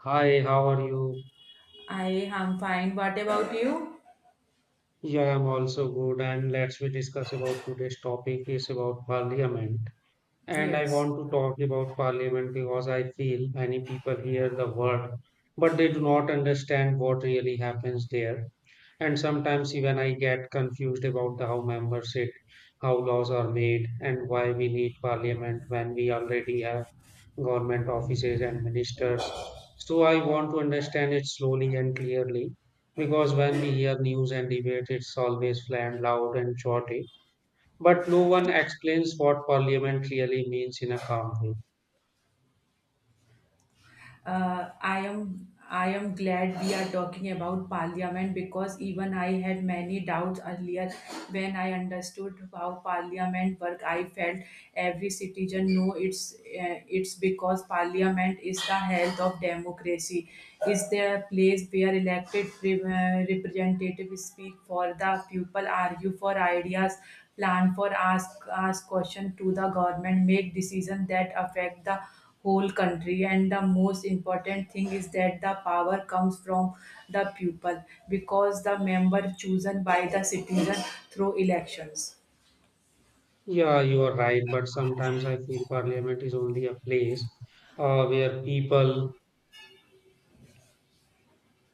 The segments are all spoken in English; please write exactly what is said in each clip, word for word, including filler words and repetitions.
Hi, how are you? I am fine. What about you? Yeah, I'm also good. And let's we discuss about today's topic is about parliament. And I Yes. want to talk about parliament because I feel many people hear the word, but they do not understand what really happens there. And sometimes even I get confused about the how members sit, how laws are made, and why we need parliament when we already have government offices and ministers. So I want to understand it slowly and clearly because when we hear news and debate, it's always flat, loud, and shorty. But no one explains what parliament really means in a calm way. uh, I am I am glad we are talking about parliament because even I had many doubts earlier. When I understood how parliament work, I felt every citizen know it's uh, it's because parliament is the health of democracy. Is there a place where elected pre- uh, representatives speak for the people, argue for ideas, plan for, ask ask question to the government, make decisions that affect the whole country. And the most important thing is that the power comes from the people because the member chosen by the citizen through elections. Yeah, you are right, but sometimes I feel parliament is only a place uh, where people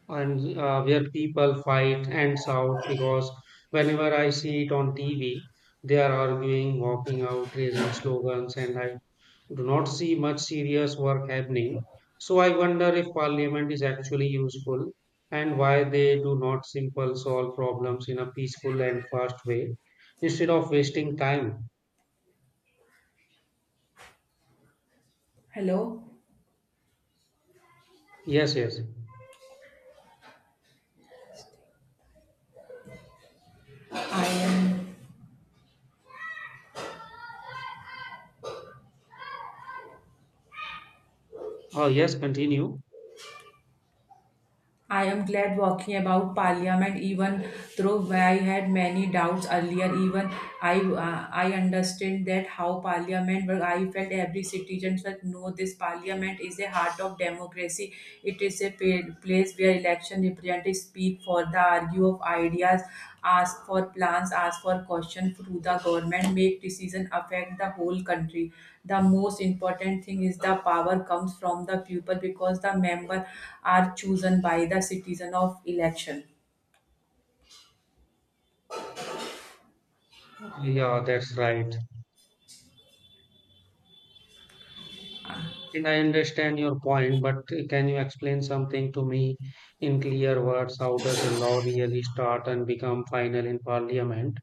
and uh, where people fight and shout because whenever I see it on T V, they are arguing, walking out, raising slogans, and I do not see much serious work happening. So I wonder if parliament is actually useful and why they do not simple solve problems in a peaceful and fast way instead of wasting time. Hello. Yes, yes. i am Oh, yes, continue. I am glad walking about Parliament, even though I had many doubts earlier. Even I, uh, I understand that how Parliament. Work. I felt every citizen should know this Parliament is a heart of democracy. It is a pa- place where election representatives speak for the argue of ideas, ask for plans, ask for questions through the government, make decisions affect the whole country. The most important thing is the power comes from the people because the member are chosen by the citizen of election. Yeah, that's right. And I understand your point, but can you explain something to me in clear words? How does a law really start and become final in parliament?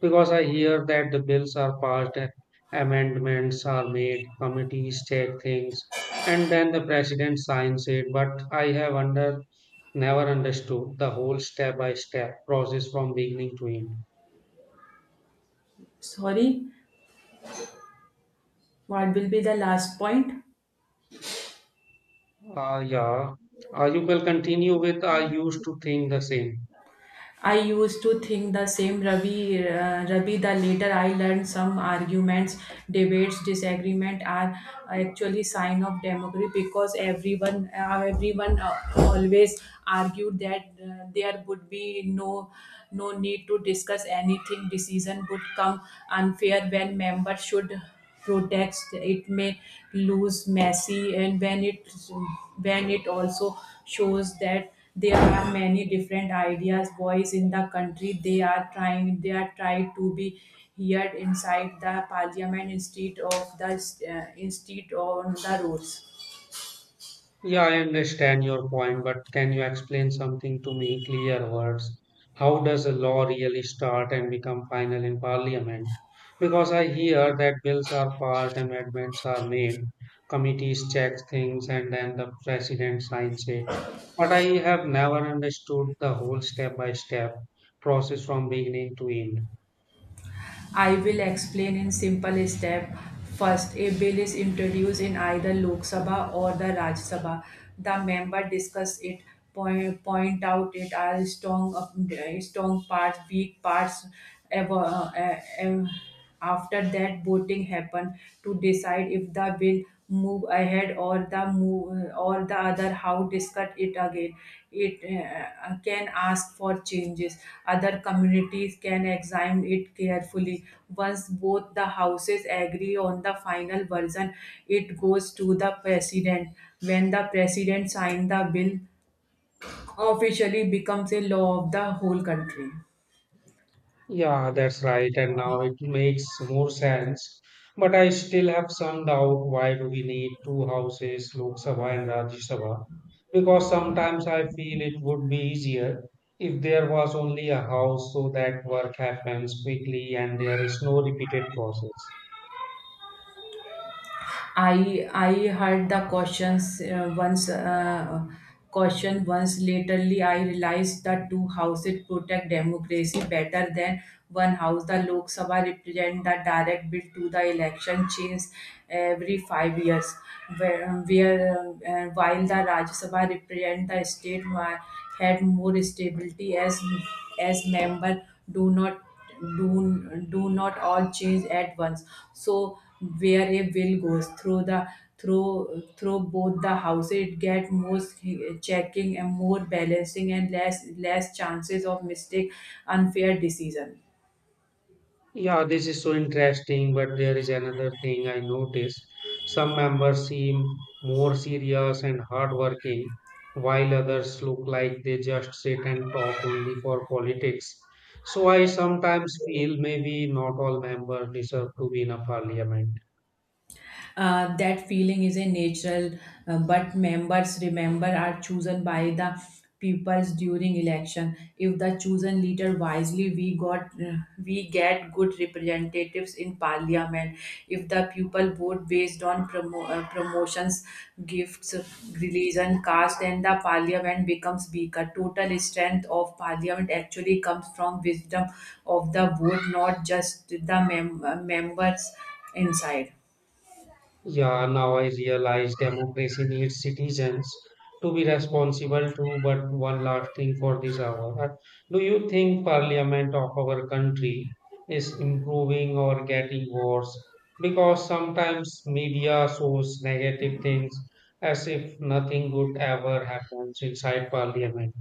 Because I hear that the bills are passed, and amendments are made, committees take things, and then the president signs it. But I have under never understood the whole step by step process from beginning to end. Sorry, what will be the last point? Uh, yeah, uh, you will continue with I used to think the same. I used to think the same Ravi, uh, Ravi. The later I learned some arguments, debates, disagreement are actually sign of democracy because everyone, uh, everyone uh, always argued that uh, there would be no, no need to discuss anything. Decision would come unfair when members should protest it may lose messy, and when it when it also shows that there are many different ideas boys in the country, they are trying they are tried to be heard inside the parliament, instead of the uh, instead on the roads. Yeah, I understand your point, but can you explain something to me in clear words? How does a law really start and become final in parliament? Because I hear that bills are passed, amendments are made, committees check things, and then the president signs it. But I have never understood the whole step by step process from beginning to end. I will explain in simple step. First, a bill is introduced in either Lok Sabha or the Rajya Sabha. The member discuss it, point, point out it are strong, uh, strong parts, weak parts, ever, uh, uh, after that, voting happened to decide if the bill move ahead or the move or the other how discuss it again it uh, can ask for changes other communities can examine it carefully once both the houses agree on the final version it goes to the president when the president signs the bill officially becomes a law of the whole country Yeah, that's right. And now it makes more sense. But I still have some doubt why do we need two houses, Lok Sabha and Rajya Sabha? Because sometimes I feel it would be easier if there was only a house so that work happens quickly and there is no repeated process. I I heard the questions uh, once uh, question once laterly I realized that two houses protect democracy better than one house. The Lok Sabha represent the direct bill to the election change every five years, where, where uh, while the Rajya Sabha represent the state wa- had more stability as as member do not do do not all change at once. So where a will goes through the through through both the houses, it get more checking and more balancing and less less chances of mistake unfair decision. Yeah, this is so interesting, but there is another thing I noticed. Some members seem more serious and hardworking, while others look like they just sit and talk only for politics. So I sometimes feel maybe not all members deserve to be in a parliament. Uh, that feeling is a natural, uh, but members remember are chosen by the peoples during election. If the chosen leader wisely, we got uh, we get good representatives in parliament. If the people vote based on promo, uh, promotions, gifts, religion, caste, then the parliament becomes weaker. Total strength of parliament actually comes from wisdom of the vote, not just the mem- uh, members inside. Yeah, now I realize democracy needs citizens to be responsible too. But one last thing for this hour. Uh, Do you think parliament of our country is improving or getting worse? Because sometimes media shows negative things as if nothing good ever happens inside parliament.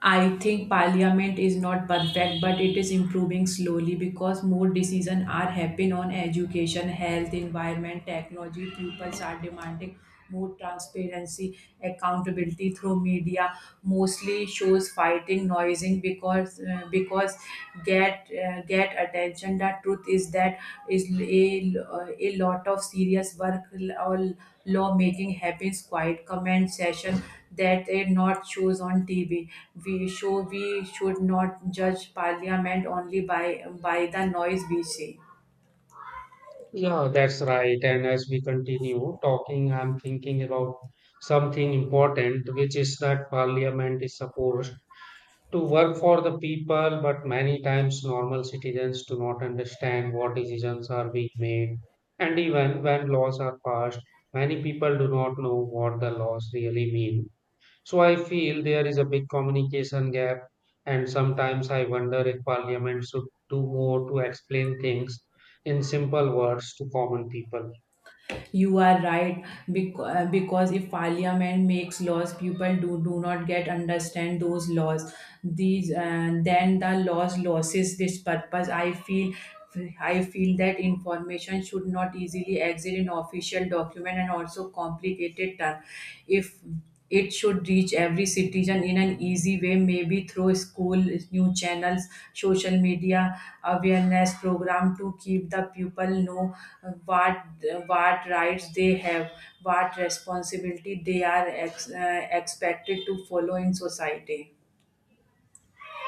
I think parliament is not perfect, but it is improving slowly because more decisions are happening on education, health, environment, technology. Pupils are demanding more transparency, accountability through media. Mostly shows fighting noising because uh, because get uh, get attention. The truth is that is a, a lot of serious work or law making happens quiet comment session that they not shows on tv. We show we should not judge parliament only by by the noise we see. Yeah, that's right. And as we continue talking, I'm thinking about something important, which is that parliament is supposed to work for the people, but many times normal citizens do not understand what decisions are being made. And even when laws are passed, many people do not know what the laws really mean. So I feel there is a big communication gap, and sometimes I wonder if parliament should do more to explain things in simple words to common people. You are right, bec- uh, because if Parliament makes laws, people do, do not get understand those laws. These uh, Then the laws losses this purpose. I feel. I feel that information should not easily exit in official document and also complicated term. If it should reach every citizen in an easy way, maybe through school, new channels, social media awareness program to keep the people know uh, what what rights they have, what responsibility they are ex, uh, expected to follow in society.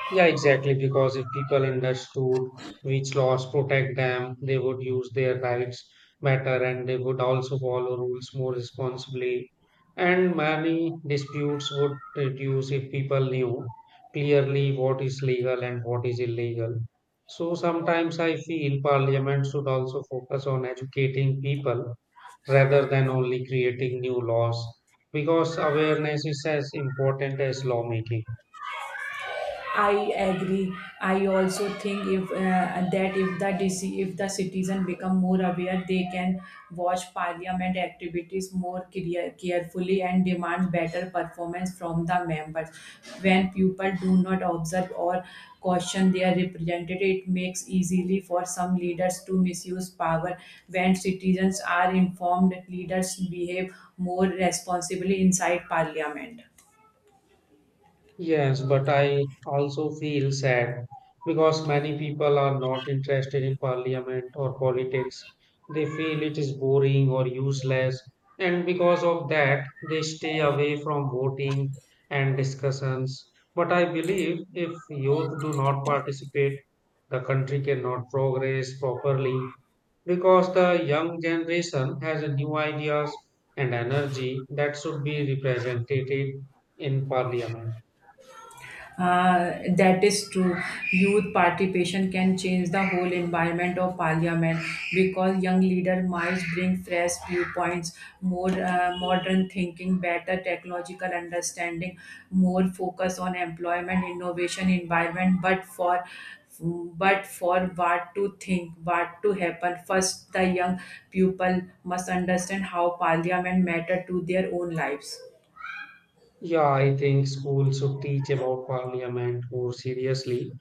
Yeah, exactly. Because if people understood which laws protect them, they would use their rights better and they would also follow rules more responsibly. And many disputes would reduce if people knew clearly what is legal and what is illegal. So sometimes I feel parliament should also focus on educating people rather than only creating new laws because awareness is as important as lawmaking. I agree. I also think if uh, that if the D C, if the citizen become more aware, they can watch parliament activities more care- carefully and demand better performance from the members. When people do not observe or caution their representative, it makes easily for some leaders to misuse power. When citizens are informed, leaders behave more responsibly inside parliament. Yes, but I also feel sad because many people are not interested in parliament or politics. They feel it is boring or useless, and because of that, they stay away from voting and discussions. But I believe if youth do not participate, the country cannot progress properly because the young generation has a new ideas and energy that should be represented in parliament. Uh, that is true. Youth participation can change the whole environment of parliament because young leader might bring fresh viewpoints, more uh, modern thinking, better technological understanding, more focus on employment, innovation, environment. But for but for what to think, what to happen, first the young people must understand how parliament matter to their own lives. Yeah, I think schools should teach about parliament more seriously,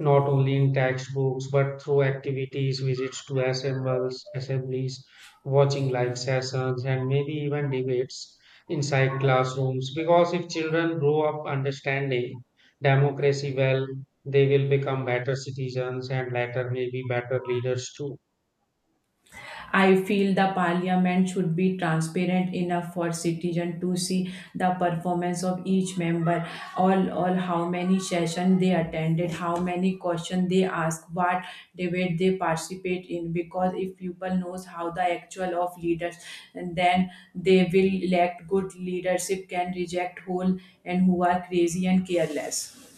not only in textbooks but through activities, visits to assembles, assemblies, watching live sessions, and maybe even debates inside classrooms. Because if children grow up understanding democracy well, they will become better citizens and later maybe better leaders too. I feel the parliament should be transparent enough for citizens to see the performance of each member, all, all how many sessions they attended, how many questions they ask, what debate they participate in. Because if people knows how the actual of leaders, and then they will elect good leadership can reject whole and who are crazy and careless.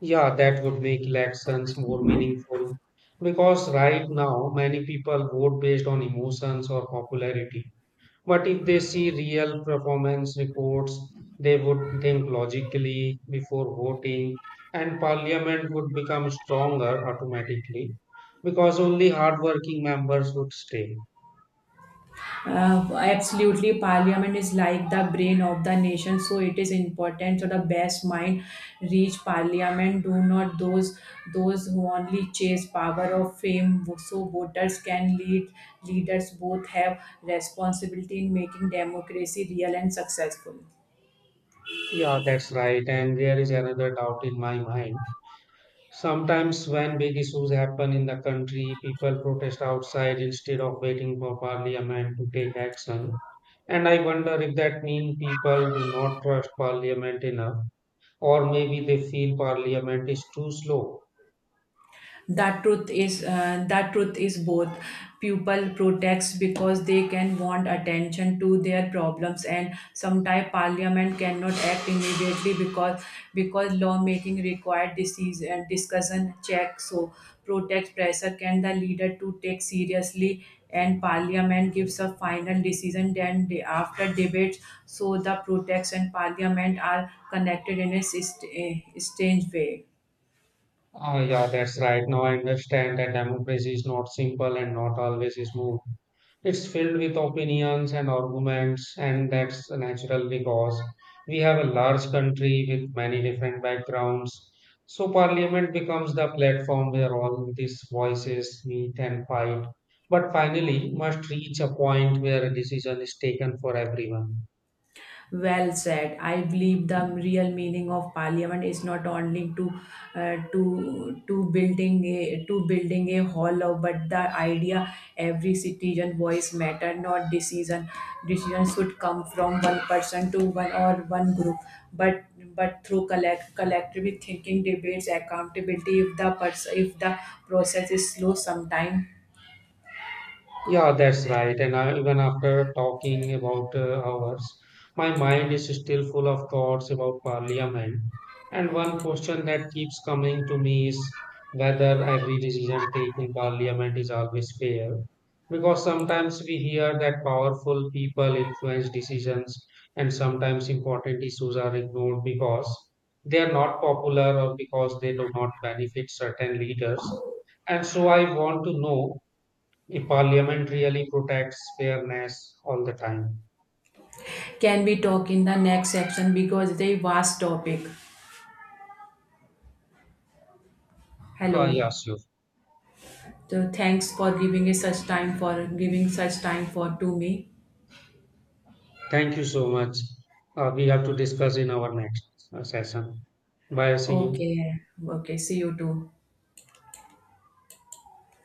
Yeah, that would make elections more meaningful because right now many people vote based on emotions or popularity. But if they see real performance reports, they would think logically before voting, and parliament would become stronger automatically because only hardworking members would stay. Uh, absolutely, Parliament is like the brain of the nation, so it is important. So the best mind reach Parliament. Do not those those who only chase power or fame. So voters can lead. Leaders both have responsibility in making democracy real and successful. Yeah, that's right. And there is another doubt in my mind. Sometimes, when big issues happen in the country, people protest outside instead of waiting for parliament to take action. And I wonder if that means people do not trust parliament enough, or maybe they feel parliament is too slow. that truth is uh, that truth is both. People protest because they can want attention to their problems, and sometimes parliament cannot act immediately because because lawmaking required disease and discussion check. So protest pressure can the leader to take seriously, and parliament gives a final decision then day after debates. So the protest and parliament are connected in a syst- a strange way. Ah, yeah, that's right. Now I understand that democracy is not simple and not always smooth. It's filled with opinions and arguments, and that's natural because we have a large country with many different backgrounds. So, parliament becomes the platform where all these voices meet and fight, but finally must reach a point where a decision is taken for everyone. Well said. I believe the real meaning of parliament is not only to uh, to to building a to building a hall, of- but the idea every citizen voice matter, not decision. Decision should come from one person to one or one group, but but through collect collectively thinking, debates, accountability. If the pers- if the process is slow, sometime. Yeah, that's right. And I, even after talking about uh, hours, my mind is still full of thoughts about parliament. And one question that keeps coming to me is whether every decision taken in parliament is always fair. Because sometimes we hear that powerful people influence decisions, and sometimes important issues are ignored because they are not popular or because they do not benefit certain leaders. And so I want to know. A parliament really protects fairness all the time. Can we talk in the next section because it's a vast topic? Uh, Hello. Yeah, sure. So thanks for giving us such time, for giving such time for to me. Thank you so much. Uh, we have to discuss in our next uh, session. Bye. See you. Okay, okay. See you too.